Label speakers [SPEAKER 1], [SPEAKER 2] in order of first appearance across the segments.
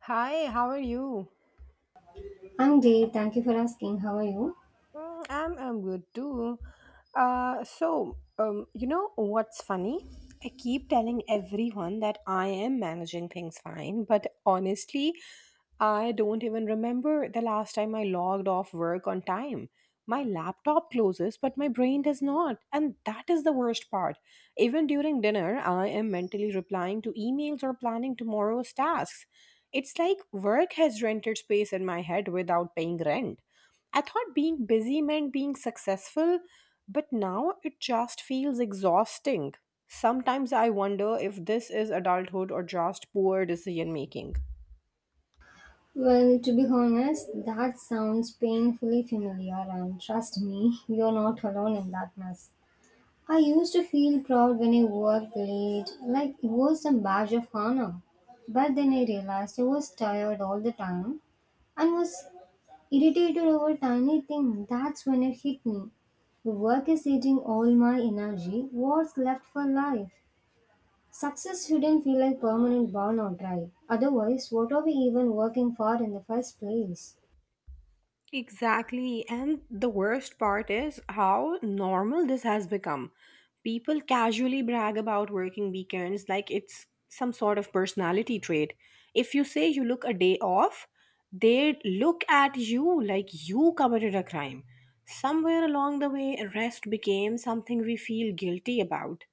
[SPEAKER 1] Hi, how are you?
[SPEAKER 2] I'm great. Thank you for asking. How are you?
[SPEAKER 1] I'm good too. You know what's funny? I keep telling everyone that I am managing things fine, but honestly, I don't even remember the last time I logged off work on time. My laptop closes, but my brain does not, and that is the worst part. Even during dinner, I am mentally replying to emails or planning tomorrow's tasks. It's like work has rented space in my head without paying rent. I thought being busy meant being successful, but now it just feels exhausting. Sometimes I wonder if this is adulthood or just poor decision making.
[SPEAKER 2] Well, to be honest, that sounds painfully familiar, and trust me, you're not alone in that mess. I used to feel proud when I worked late, like it was a badge of honor. But then I realized I was tired all the time and was irritated over tiny things. That's when it hit me. The work is eating all my energy. What's left for life? Success shouldn't feel like permanent burn or drive. Otherwise, what are we even working for in the first place?
[SPEAKER 1] Exactly. And the worst part is how normal this has become. People casually brag about working weekends like it's some sort of personality trait. If you say you look a day off, they look at you like you committed a crime. Somewhere along the way, rest became something we feel guilty about.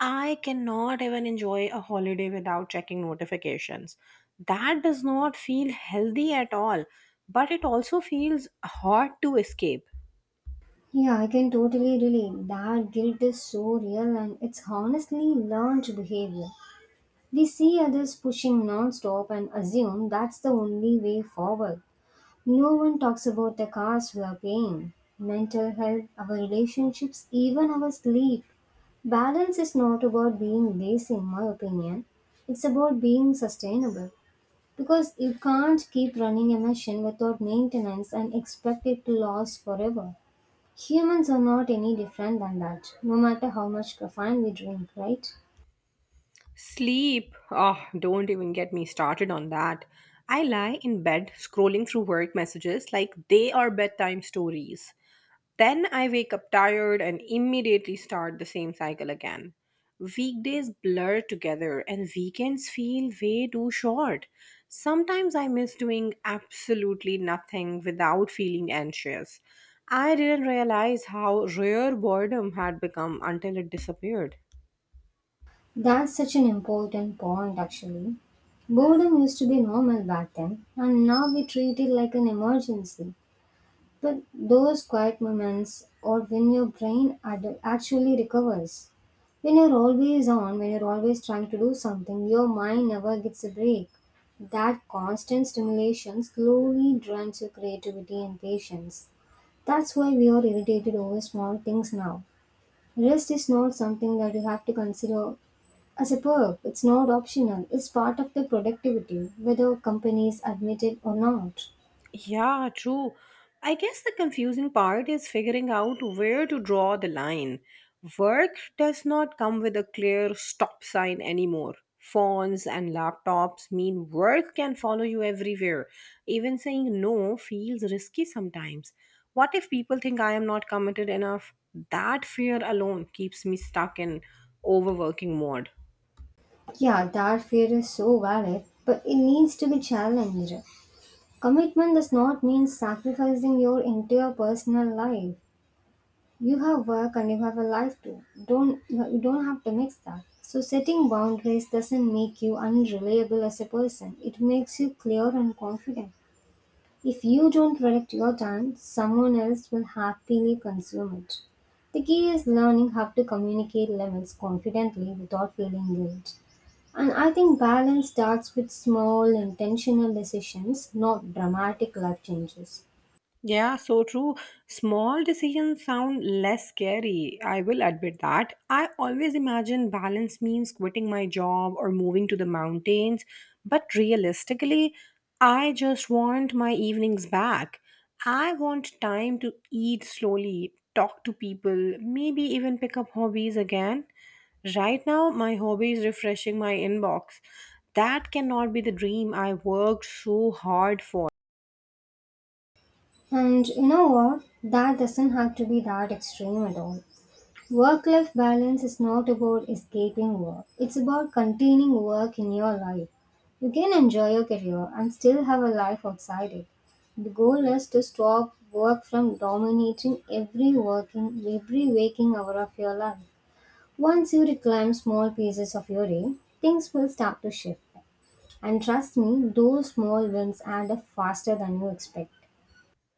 [SPEAKER 1] I cannot even enjoy a holiday without checking notifications. That does not feel healthy at all, but it also feels hard to escape.
[SPEAKER 2] Yeah, I can totally relate. That guilt is so real and it's honestly learned behavior. We see others pushing non-stop and assume that's the only way forward. No one talks about the cost we are paying. Mental health, our relationships, even our sleep. Balance is not about being lazy in my opinion. It's about being sustainable. Because you can't keep running a machine without maintenance and expect it to last forever. Humans are not any different than that, no matter how much caffeine we drink, right?
[SPEAKER 1] Sleep, oh, don't even get me started on that. I lie in bed scrolling through work messages like they are bedtime stories. Then I wake up tired and immediately start the same cycle again. Weekdays blur together and weekends feel way too short. Sometimes I miss doing absolutely nothing without feeling anxious. I didn't realize how rare boredom had become until it disappeared.
[SPEAKER 2] That's such an important point, actually. Boredom used to be normal back then, and now we treat it like an emergency. But those quiet moments or when your actually recovers. When you're always on, when you're always trying to do something, your mind never gets a break. That constant stimulation slowly drains your creativity and patience. That's why we are irritated over small things now. Rest is not something that you have to consider as a perk, it's not optional, it's part of the productivity, whether companies admit it or not.
[SPEAKER 1] Yeah, true. I guess the confusing part is figuring out where to draw the line. Work does not come with a clear stop sign anymore. Phones and laptops mean work can follow you everywhere. Even saying no feels risky sometimes. What if people think I am not committed enough? That fear alone keeps me stuck in overworking mode.
[SPEAKER 2] Yeah, that fear is so valid, but it needs to be challenged. Commitment does not mean sacrificing your entire personal life. You have work and you have a life too. Don't you don't have to mix that. So setting boundaries doesn't make you unreliable as a person. It makes you clear and confident. If you don't protect your time, someone else will happily consume it. The key is learning how to communicate limits confidently without feeling guilt. And I think balance starts with small, intentional decisions, not dramatic life changes.
[SPEAKER 1] Yeah, so true. Small decisions sound less scary. I will admit that. I always imagine balance means quitting my job or moving to the mountains, but realistically, I just want my evenings back. I want time to eat slowly, talk to people, maybe even pick up hobbies again. Right now, my hobby is refreshing my inbox. That cannot be the dream I worked so hard for.
[SPEAKER 2] And you know what? That doesn't have to be that extreme at all. Work life balance is not about escaping work, it's about containing work in your life. You can enjoy your career and still have a life outside it. The goal is to stop work from dominating every working, every waking hour of your life. Once you reclaim small pieces of your day, things will start to shift. And trust me, those small wins add up faster than you expect.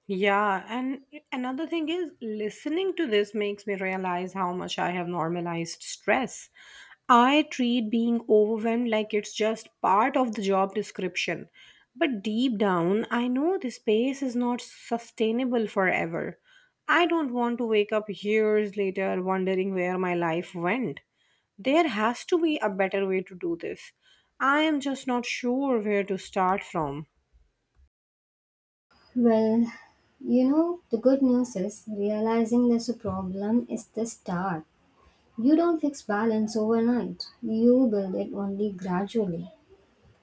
[SPEAKER 1] Yeah, and another thing is listening to this makes me realize how much I have normalized stress. I treat being overwhelmed like it's just part of the job description. But deep down, I know this pace is not sustainable forever. I don't want to wake up years later wondering where my life went. There has to be a better way to do this. I am just not sure where to start from.
[SPEAKER 2] Well, you know, the good news is realizing there's a problem is the start. You don't fix balance overnight, you build it only gradually.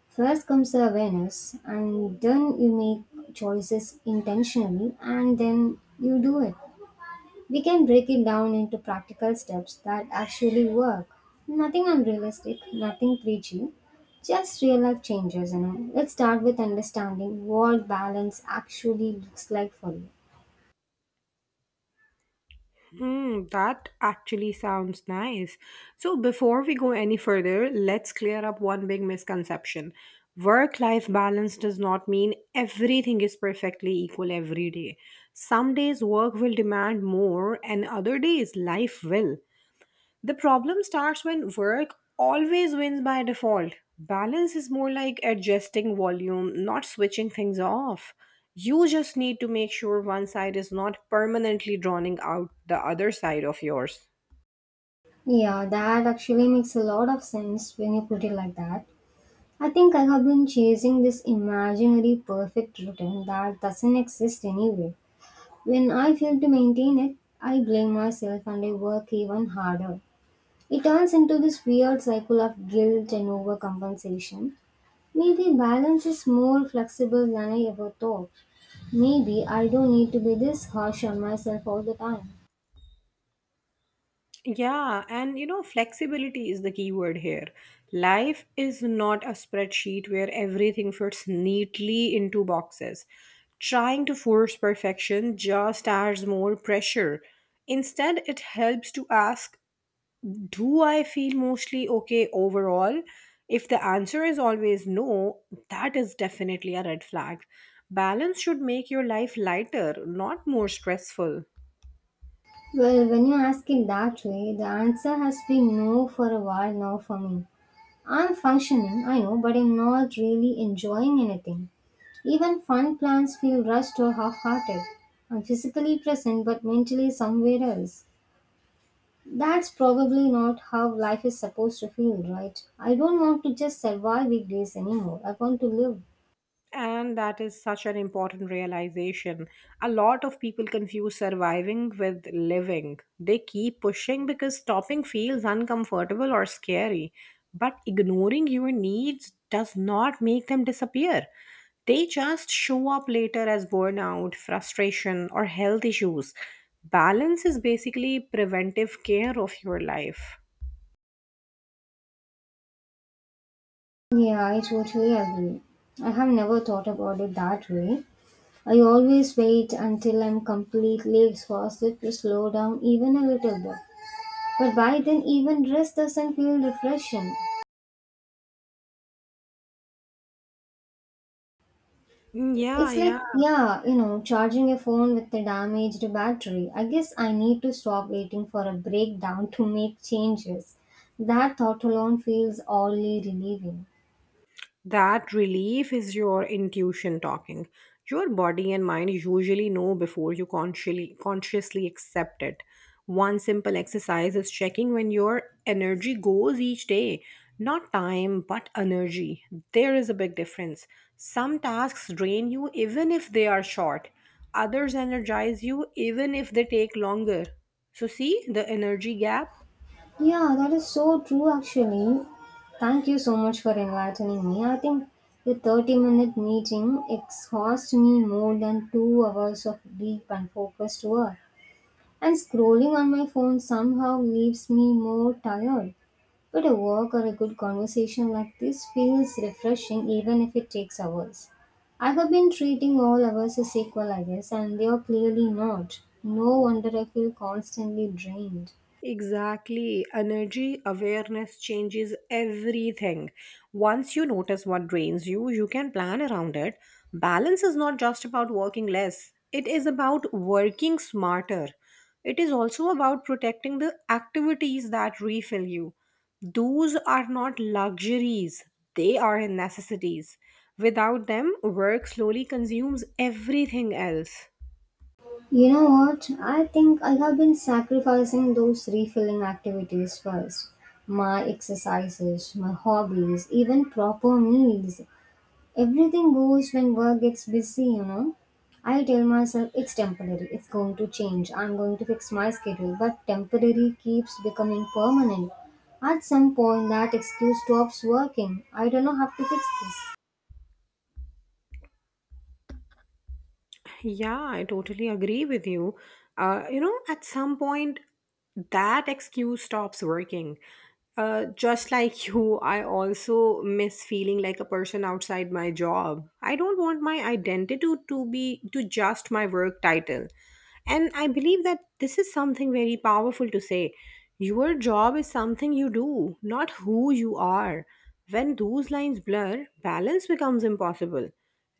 [SPEAKER 2] First comes the awareness, and then you make choices intentionally, and then you do it. We can break it down into practical steps that actually work. Nothing unrealistic, nothing preachy, just real life changes, Let's start with understanding what balance actually looks like for you.
[SPEAKER 1] Hmm, that actually sounds nice. So, before we go any further, let's clear up one big misconception. Work life balance does not mean everything is perfectly equal every day. Some days work will demand more, and other days life will. The problem starts when work always wins by default. Balance is more like adjusting volume, not switching things off. You just need to make sure one side is not permanently drowning out the other side of yours.
[SPEAKER 2] Yeah, that actually makes a lot of sense when you put it like that. I think I have been chasing this imaginary perfect routine that doesn't exist anyway. When I fail to maintain it, I blame myself and I work even harder. It turns into this weird cycle of guilt and overcompensation. Maybe balance is more flexible than I ever thought. Maybe I don't need to be this harsh on myself all the time.
[SPEAKER 1] Yeah, and you know, flexibility is the key word here. Life is not a spreadsheet where everything fits neatly into boxes. Trying to force perfection just adds more pressure. Instead, it helps to ask, do I feel mostly okay overall? If the answer is always no, that is definitely a red flag. Balance should make your life lighter, not more stressful.
[SPEAKER 2] Well, when you ask it that way, the answer has been no for a while now for me. I'm functioning, I know, but I'm not really enjoying anything. Even fun plans feel rushed or half hearted. I'm physically present but mentally somewhere else. That's probably not how life is supposed to feel, right? I don't want to just survive weekdays anymore. I want to live.
[SPEAKER 1] And that is such an important realization. A lot of people confuse surviving with living. They keep pushing because stopping feels uncomfortable or scary. But ignoring your needs does not make them disappear. They just show up later as burnout, frustration, or health issues. Balance is basically preventive care of your life.
[SPEAKER 2] Yeah, I totally agree. I have never thought about it that way. I always wait until I'm completely exhausted to slow down even a little bit. But by then, even rest doesn't feel refreshing.
[SPEAKER 1] Mm, yeah,
[SPEAKER 2] It's
[SPEAKER 1] yeah.
[SPEAKER 2] like, yeah, you know, charging a phone with a damaged battery. I guess I need to stop waiting for a breakdown to make changes. That thought alone feels oddly relieving.
[SPEAKER 1] That relief is your intuition talking. Your body and mind usually know before you consciously accept it. One simple exercise is checking when your energy goes each day. Not time, but energy. There is a big difference. Some tasks drain you even if they are short. Others energize you even if they take longer. So see the energy gap?
[SPEAKER 2] Yeah, that is so true actually. Thank you so much for enlightening me. I think the 30-minute meeting exhausted me more than 2 hours of deep and focused work. And scrolling on my phone somehow leaves me more tired. But a walk or a good conversation like this feels refreshing even if it takes hours. I have been treating all hours as equal, I guess, and they are clearly not. No wonder I feel constantly drained.
[SPEAKER 1] Exactly. Energy awareness changes everything. Once you notice what drains you, you can plan around it. Balance is not just about working less, it is about working smarter. It is also about protecting the activities that refill you. Those are not luxuries, they are necessities. Without them, work slowly consumes everything else.
[SPEAKER 2] You know what? I think I have been sacrificing those refilling activities first. My exercises, my hobbies, even proper meals. Everything goes when work gets busy, I tell myself it's temporary, it's going to change, I'm going to fix my schedule, but temporary keeps becoming permanent. At some point, that excuse stops working. I don't know how to fix this.
[SPEAKER 1] Yeah, I totally agree with you. You know, at some point, that excuse stops working. Just like you, I also miss feeling like a person outside my job. I don't want my identity to be to just my work title. And I believe that this is something very powerful to say. Your job is something you do, not who you are. When those lines blur, balance becomes impossible.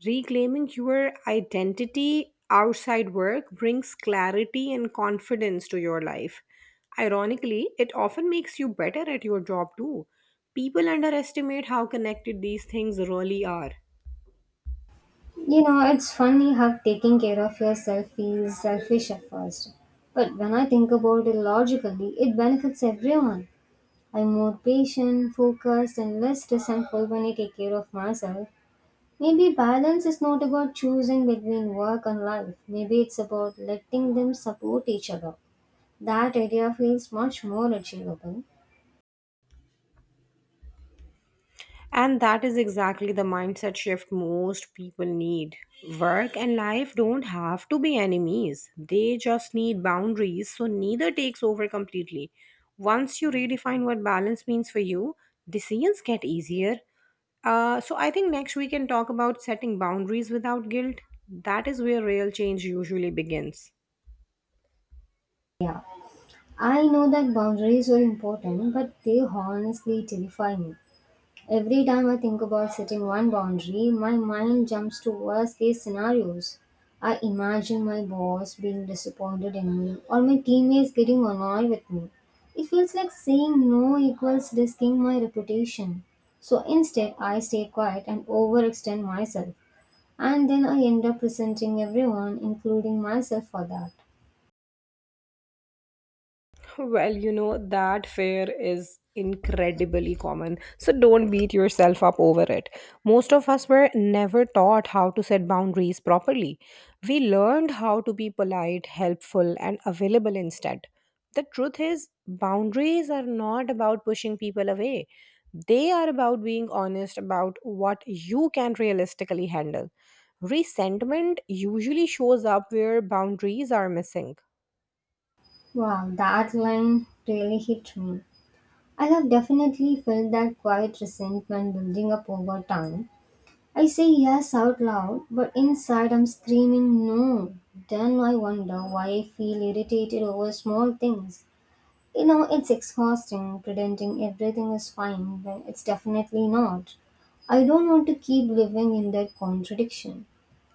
[SPEAKER 1] Reclaiming your identity outside work brings clarity and confidence to your life. Ironically, it often makes you better at your job too. People underestimate how connected these things really are.
[SPEAKER 2] You know, it's funny how taking care of yourself feels selfish at first. But when I think about it logically, it benefits everyone. I'm more patient, focused, and less resentful when I take care of myself. Maybe balance is not about choosing between work and life. Maybe it's about letting them support each other. That idea feels much more achievable.
[SPEAKER 1] And that is exactly the mindset shift most people need. Work and life don't have to be enemies, they just need boundaries, so neither takes over completely. Once you redefine what balance means for you, decisions get easier. So I think next we can talk about setting boundaries without guilt. That is where real change usually begins.
[SPEAKER 2] Yeah. I know that boundaries are important, but they honestly terrify me. Every time I think about setting one boundary, my mind jumps to worst case scenarios. I imagine my boss being disappointed in me or my teammates getting annoyed with me. It feels like saying no equals risking my reputation. So instead, I stay quiet and overextend myself. And then I end up resenting everyone, including myself, for that.
[SPEAKER 1] Well, you know, that fear is incredibly common. So don't beat yourself up over it. Most of us were never taught how to set boundaries properly. We learned how to be polite, helpful, and available instead. The truth is, boundaries are not about pushing people away, they are about being honest about what you can realistically handle. Resentment usually shows up where boundaries are missing.
[SPEAKER 2] Wow, that line really hit me. I have definitely felt that quiet resentment building up over time. I say yes out loud, but inside I'm screaming no. Then I wonder why I feel irritated over small things. You know, it's exhausting pretending everything is fine when it's definitely not. I don't want to keep living in that contradiction.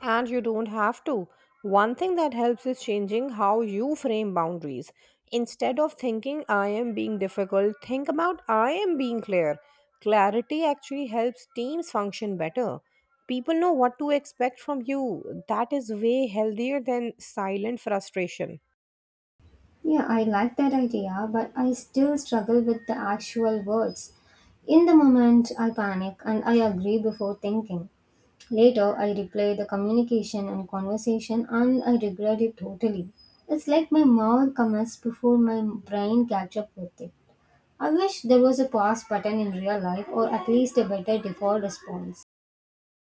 [SPEAKER 1] And you don't have to. One thing that helps is changing how you frame boundaries. Instead of thinking I am being difficult, think about I am being clear. Clarity actually helps teams function better. People know what to expect from you. That is way healthier than silent frustration.
[SPEAKER 2] Yeah, I like that idea, but I still struggle with the actual words. In the moment, I panic and I agree before thinking. Later, I replay the communication and conversation and I regret it totally. It's like my mouth comments before my brain catch up with it. I wish there was a pause button in real life or at least a better default response.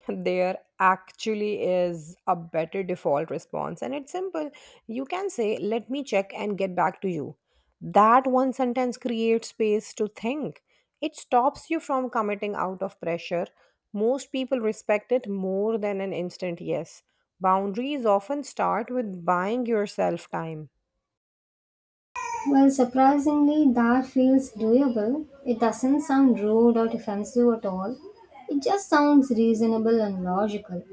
[SPEAKER 1] There actually is a better default response, and it's simple. You can say let me check and get back to you. That one sentence creates space to think. It stops you from committing out of pressure. Most people respect it more than an instant yes. Boundaries often start with buying yourself time.
[SPEAKER 2] Well, surprisingly, that feels doable. It doesn't sound rude or offensive at all. It just sounds reasonable and logical.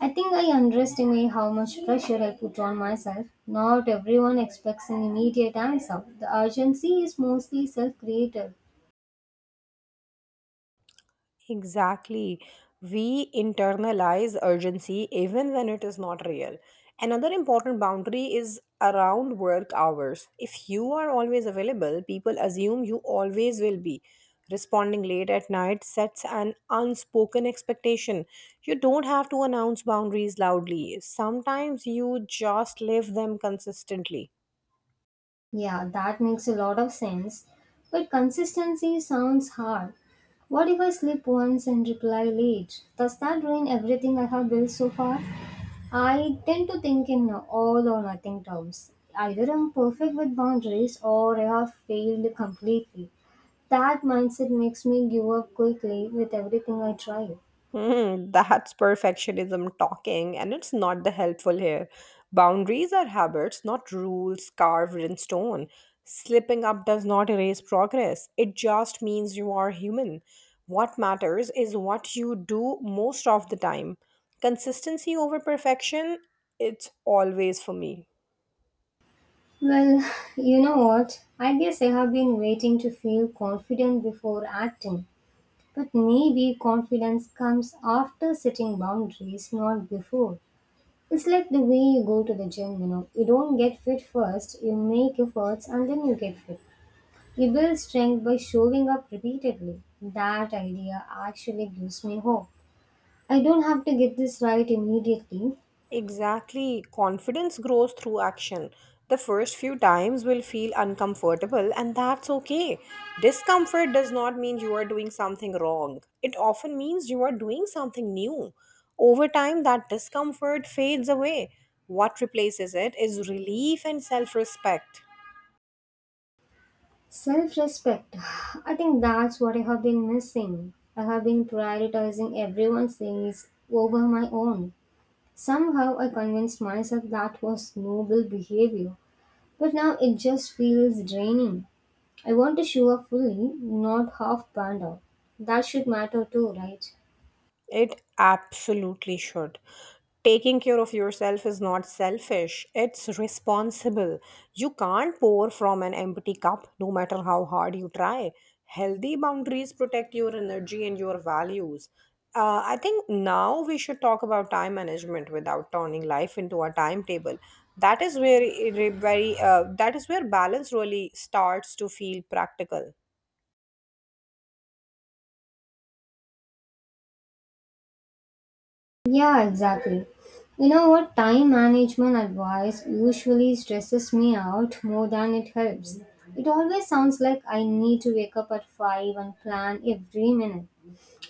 [SPEAKER 2] I think I underestimate how much pressure I put on myself. Not everyone expects an immediate answer. The urgency is mostly self created.
[SPEAKER 1] Exactly. We internalize urgency even when it is not real. Another important boundary is around work hours. If you are always available, people assume you always will be. Responding late at night sets an unspoken expectation. You don't have to announce boundaries loudly, sometimes you just live them consistently.
[SPEAKER 2] Yeah, that makes a lot of sense. But consistency sounds hard. What if I slip once and reply late? Does that ruin everything I have built so far? I tend to think in all or nothing terms. Either I'm perfect with boundaries or I have failed completely. That mindset makes me give up quickly with everything I try.
[SPEAKER 1] Hmm, that's perfectionism talking, and it's not the helpful here. Boundaries are habits, not rules carved in stone. Slipping up does not erase progress, it just means you are human. What matters is what you do most of the time. Consistency over perfection, it's always for me.
[SPEAKER 2] Well, you know what? I guess I have been waiting to feel confident before acting. But maybe confidence comes after setting boundaries, not before. It's like the way you go to the gym, you know. You don't get fit first, you make efforts and then you get fit. You build strength by showing up repeatedly. That idea actually gives me hope. I don't have to get this right immediately.
[SPEAKER 1] Exactly. Confidence grows through action. The first few times will feel uncomfortable, and that's okay. Discomfort does not mean you are doing something wrong, it often means you are doing something new. Over time, that discomfort fades away. What replaces it is relief and self respect.
[SPEAKER 2] Self respect. I think that's what I have been missing. I have been prioritizing everyone's needs over my own. Somehow I convinced myself that was noble behavior, but now it just feels draining. I want to show up fully, not half band out. That should matter too, right?
[SPEAKER 1] It absolutely should. Taking care of yourself is not selfish, it's responsible. You can't pour from an empty cup no matter how hard you try. Healthy boundaries protect your energy and your values. I think now we should talk about time management without turning life into a timetable. That is where it re- very that is where balance really starts to feel practical.
[SPEAKER 2] Yeah, exactly. You know what? Time management advice usually stresses me out more than it helps. It always sounds like I need to wake up at 5 and plan every minute.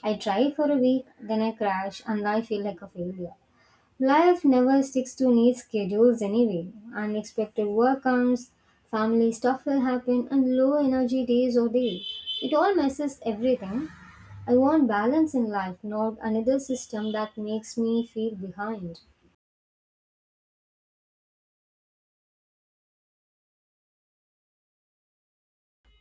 [SPEAKER 2] I try for a week, then I crash and I feel like a failure. Life never sticks to neat schedules anyway. Unexpected work comes, family stuff will happen, and low energy days or day. It all messes everything. I want balance in life, not another system that makes me feel behind.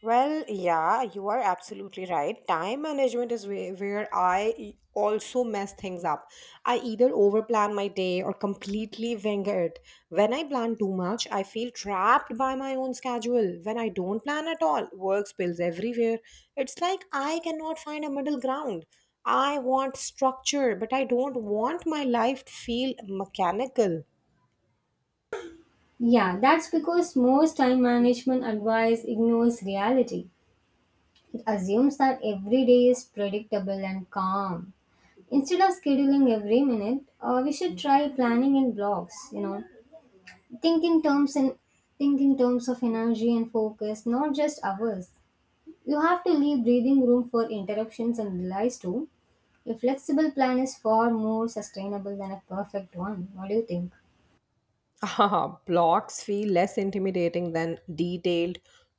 [SPEAKER 1] Well, yeah, you are absolutely right. Time management is where also mess things up. I either overplan my day or completely wing it. When I plan too much, I feel trapped by my own schedule. When I don't plan at all, work spills everywhere. It's like I cannot find a middle ground. I want structure, but I don't want my life to feel mechanical.
[SPEAKER 2] Yeah, that's because most time management advice ignores reality. It assumes that every day is predictable and calm. Instead of scheduling every minute, we should try planning in blocks, you know. Think in terms in think in terms of energy and focus, not just hours. You have to leave breathing room for interruptions and delays too. A flexible plan is far more sustainable than a perfect one. What do you think?
[SPEAKER 1] Ah, blocks feel less intimidating than detailed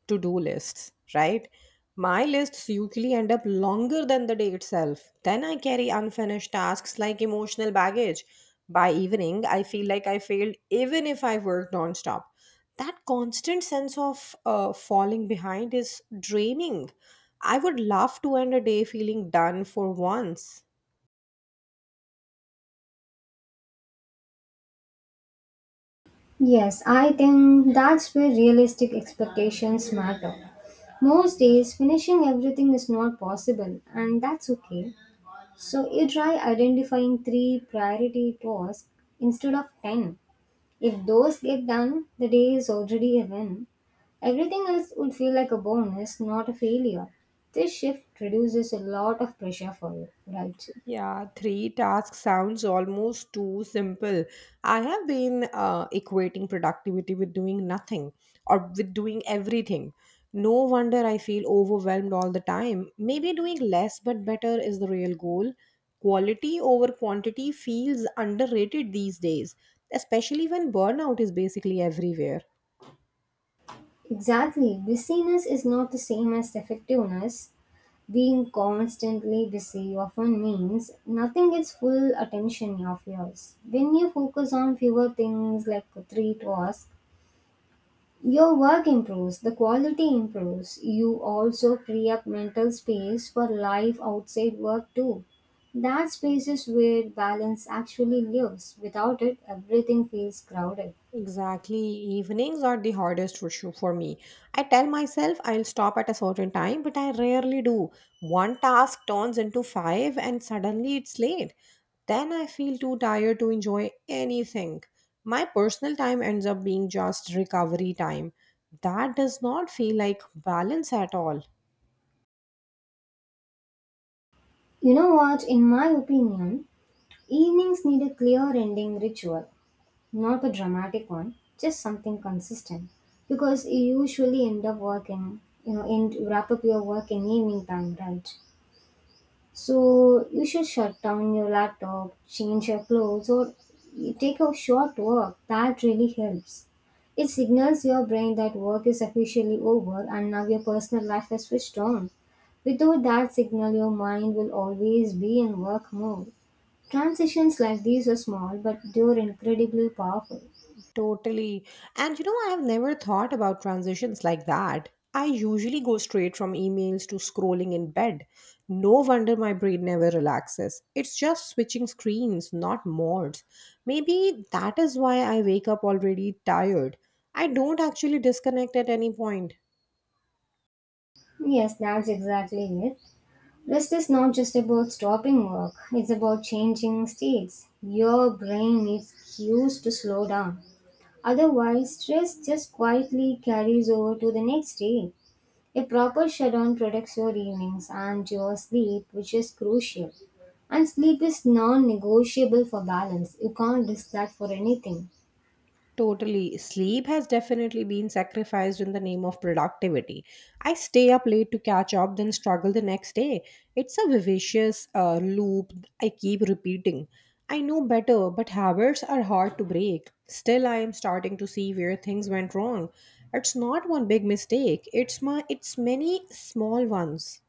[SPEAKER 1] to do lists, right? My lists usually end up longer than the day itself. Then I carry unfinished tasks like emotional baggage. By evening, I feel like I failed even if I worked nonstop. That constant sense of falling behind is draining. I would love to end a day feeling done for once.
[SPEAKER 2] Yes, I think that's where realistic expectations matter. Most days, finishing everything is not possible, and that's okay. So, you try identifying three priority tasks instead of 10. If those get done, the day is already a win. Everything else would feel like a bonus, not a failure. This shift reduces a lot of pressure for you, right?
[SPEAKER 1] Yeah, 3 tasks sounds almost too simple. I have been equating productivity with doing nothing or with doing everything. No wonder I feel overwhelmed all the time. Maybe doing less but better is the real goal. Quality over quantity feels underrated these days, especially when burnout is basically everywhere.
[SPEAKER 2] Exactly. Busyness is not the same as effectiveness. Being constantly busy often means nothing gets full attention of yours. When you focus on fewer things like three tasks, your work improves, the quality improves. You also free up mental space for life outside work too. That space is where balance actually lives. Without it, everything feels crowded.
[SPEAKER 1] Exactly. Evenings are the hardest issue for me. I tell myself I'll stop at a certain time, but I rarely do. One task turns into five, and suddenly it's late. Then I feel too tired to enjoy anything. My personal time ends up being just recovery time. That does not feel like balance at all.
[SPEAKER 2] You know what? In my opinion, evenings need a clear ending ritual, not a dramatic one, just something consistent. Because you usually end up working, end wrap up your work in evening time, right? So you should shut down your laptop, change your clothes, or you take a short walk. That really helps. It signals your brain that work is officially over and now your personal life has switched on. Without that signal, your mind will always be in work mode. Transitions like these are small, but they're incredibly powerful.
[SPEAKER 1] Totally. And you know, I have never thought about transitions like that. I usually go straight from emails to scrolling in bed. No wonder my brain never relaxes. It's just switching screens, not modes. Maybe that is why I wake up already tired. I don't actually disconnect at any point.
[SPEAKER 2] Yes, that's exactly it. Rest is not just about stopping work, it's about changing states. Your brain needs cues to slow down. Otherwise, stress just quietly carries over to the next day. A proper shutdown protects your evenings and your sleep, which is crucial. And sleep is non negotiable for balance. You can't risk that for anything.
[SPEAKER 1] Totally. Sleep has definitely been sacrificed in the name of productivity. I stay up late to catch up, then struggle the next day. It's a vicious loop I keep repeating. I know better, but habits are hard to break. Still, I am starting to see where things went wrong. It's not one big mistake, it's many small ones.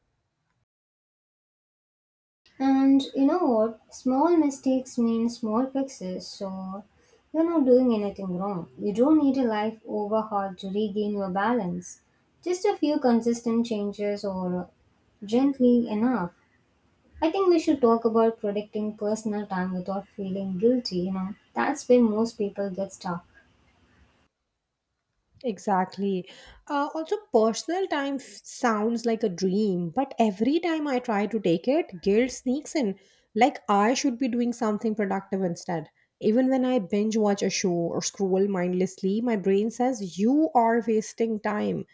[SPEAKER 2] And you know what? Small mistakes mean small fixes, so you're not doing anything wrong. You don't need a life overhaul to regain your balance. Just a few consistent changes or gently enough. I think we should talk about protecting personal time without feeling guilty. That's where most people get stuck.
[SPEAKER 1] Exactly. Also, personal time sounds like a dream, but every time I try to take it, guilt sneaks in. Like I should be doing something productive instead. Even when I binge watch a show or scroll mindlessly, my brain says, "You are wasting time."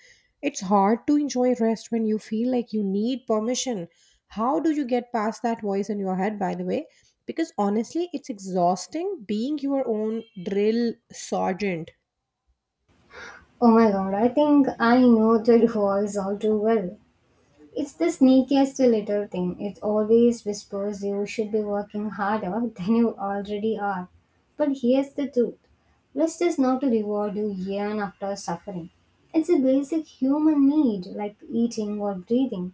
[SPEAKER 1] It's hard to enjoy rest when you feel like you need permission. How do you get past that voice in your head, by the way? Because honestly, it's exhausting being your own drill sergeant.
[SPEAKER 2] Oh my god, I think I know the rules all too well. It's the sneakiest little thing. It always whispers you should be working harder than you already are. But here's the truth, rest is not to reward you yearn after suffering. It's a basic human need like eating or breathing.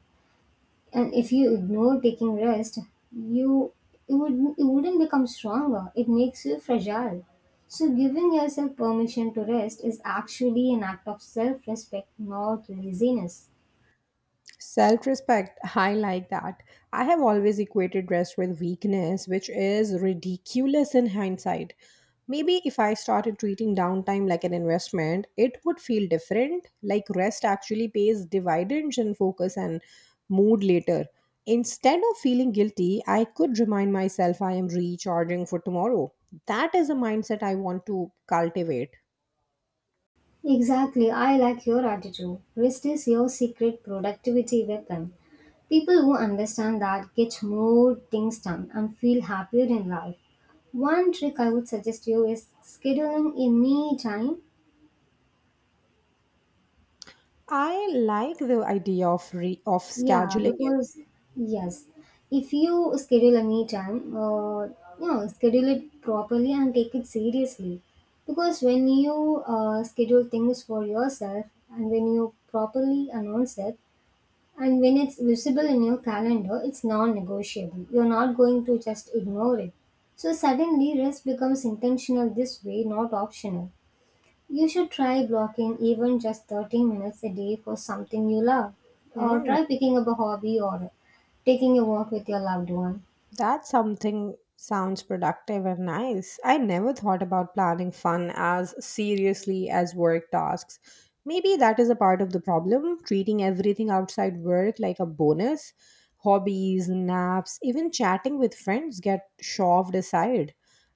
[SPEAKER 2] And if you ignore taking rest, you it, would, it wouldn't become stronger. It makes you fragile. So giving yourself permission to rest is actually an act of self-respect, not laziness.
[SPEAKER 1] Self respect, I like that. I have always equated rest with weakness, which is ridiculous in hindsight. Maybe if I started treating downtime like an investment, it would feel different. Like rest actually pays dividends in focus and mood later. Instead of feeling guilty, I could remind myself I am recharging for tomorrow. That is a mindset I want to cultivate.
[SPEAKER 2] Exactly, I like your attitude. Rest is your secret productivity weapon. People who understand that get more things done and feel happier in life. One trick I would suggest you is scheduling a me time.
[SPEAKER 1] I like the idea of
[SPEAKER 2] Yeah,
[SPEAKER 1] scheduling it.
[SPEAKER 2] yes, if you schedule a me time, schedule it properly and take it seriously. Because when you schedule things for yourself and when you properly announce it, and when it's visible in your calendar, it's non negotiable. You're not going to just ignore it. So suddenly, rest becomes intentional this way, not optional. You should try blocking even just 30 minutes a day for something you love, or
[SPEAKER 1] Hmm.
[SPEAKER 2] try picking up a hobby or taking a walk with your loved one.
[SPEAKER 1] That something sounds productive and nice. I never thought about planning fun as seriously as work tasks. Maybe that is a part of the problem, treating everything outside work like a bonus. Hobbies, naps, even chatting with friends get shoved aside.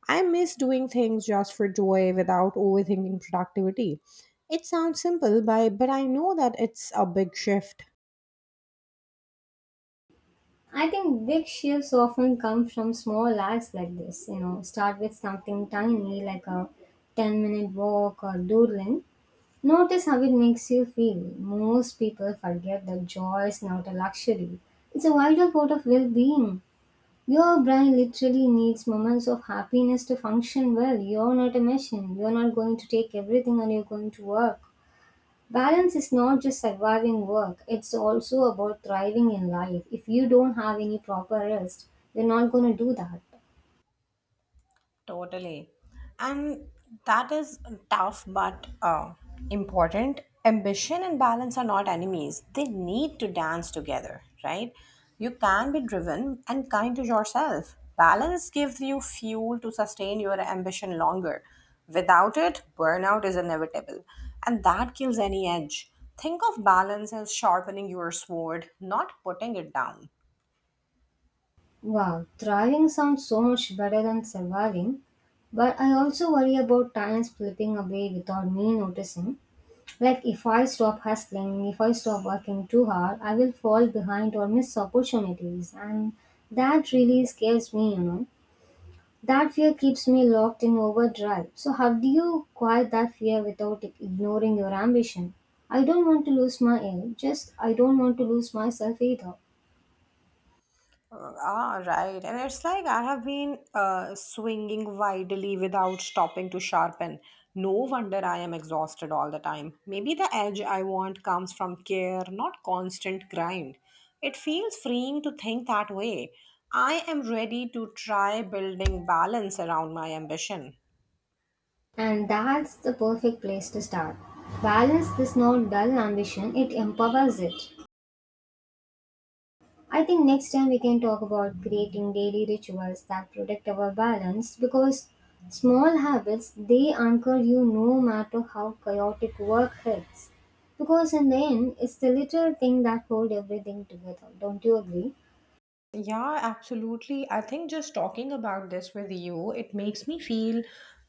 [SPEAKER 1] I miss doing things just for joy without overthinking productivity. It sounds simple, but I know that it's a big shift.
[SPEAKER 2] I think big shifts often come from small acts like this. You know, start with something tiny like a 10-minute walk or doodling. Notice how it makes you feel. Most people forget that joy is not a luxury, it's a vital part of well being. Your brain literally needs moments of happiness to function well. You're not a machine, you're not going to take everything and you're going to work. Balance is not just surviving work, it's also about thriving in life. If you don't have any proper rest, you're not going to do that.
[SPEAKER 1] Totally. And that is tough but important. Ambition and balance are not enemies, they need to dance together, right? You can be driven and kind to yourself. Balance gives you fuel to sustain your ambition longer. Without it, burnout is inevitable, and that kills any edge. Think of balance as sharpening your sword, not putting it down.
[SPEAKER 2] Wow, thriving sounds so much better than surviving, but I also worry about time slipping away without me noticing. Like if I stop hustling, if I stop working too hard, I will fall behind or miss opportunities, and that really scares me. That fear keeps me locked in overdrive. So, how do you quiet that fear without ignoring your ambition? I don't want to lose my aim, just I don't want to lose myself either.
[SPEAKER 1] Ah, right. And it's like I have been swinging widely without stopping to sharpen. No wonder I am exhausted all the time. Maybe the edge I want comes from care, not constant grind. It feels freeing to think that way. I am ready to try building balance around my ambition.
[SPEAKER 2] And that's the perfect place to start. Balance is not dull ambition, it empowers it. I think next time we can talk about creating daily rituals that protect our balance because small habits they anchor you no matter how chaotic work hits. Because in the end, it's the little thing that hold everything together. Don't you agree?
[SPEAKER 1] Yeah, absolutely. I think just talking about this with you, it makes me feel,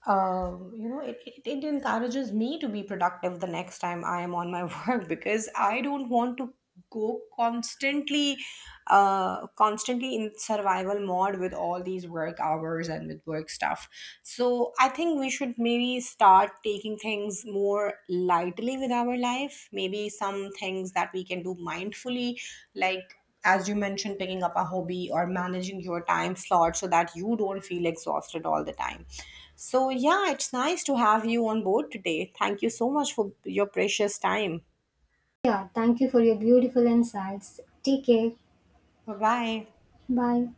[SPEAKER 1] it encourages me to be productive the next time I am on my work because I don't want to go constantly in survival mode with all these work hours and with work stuff. So I think we should maybe start taking things more lightly with our life, maybe some things that we can do mindfully, like as you mentioned picking up a hobby or managing your time slot so that you don't feel exhausted all the time. So yeah, it's nice to have you on board today. Thank you so much for your precious time.
[SPEAKER 2] Yeah, thank you for your beautiful insights. Take care.
[SPEAKER 1] Bye bye.
[SPEAKER 2] Bye.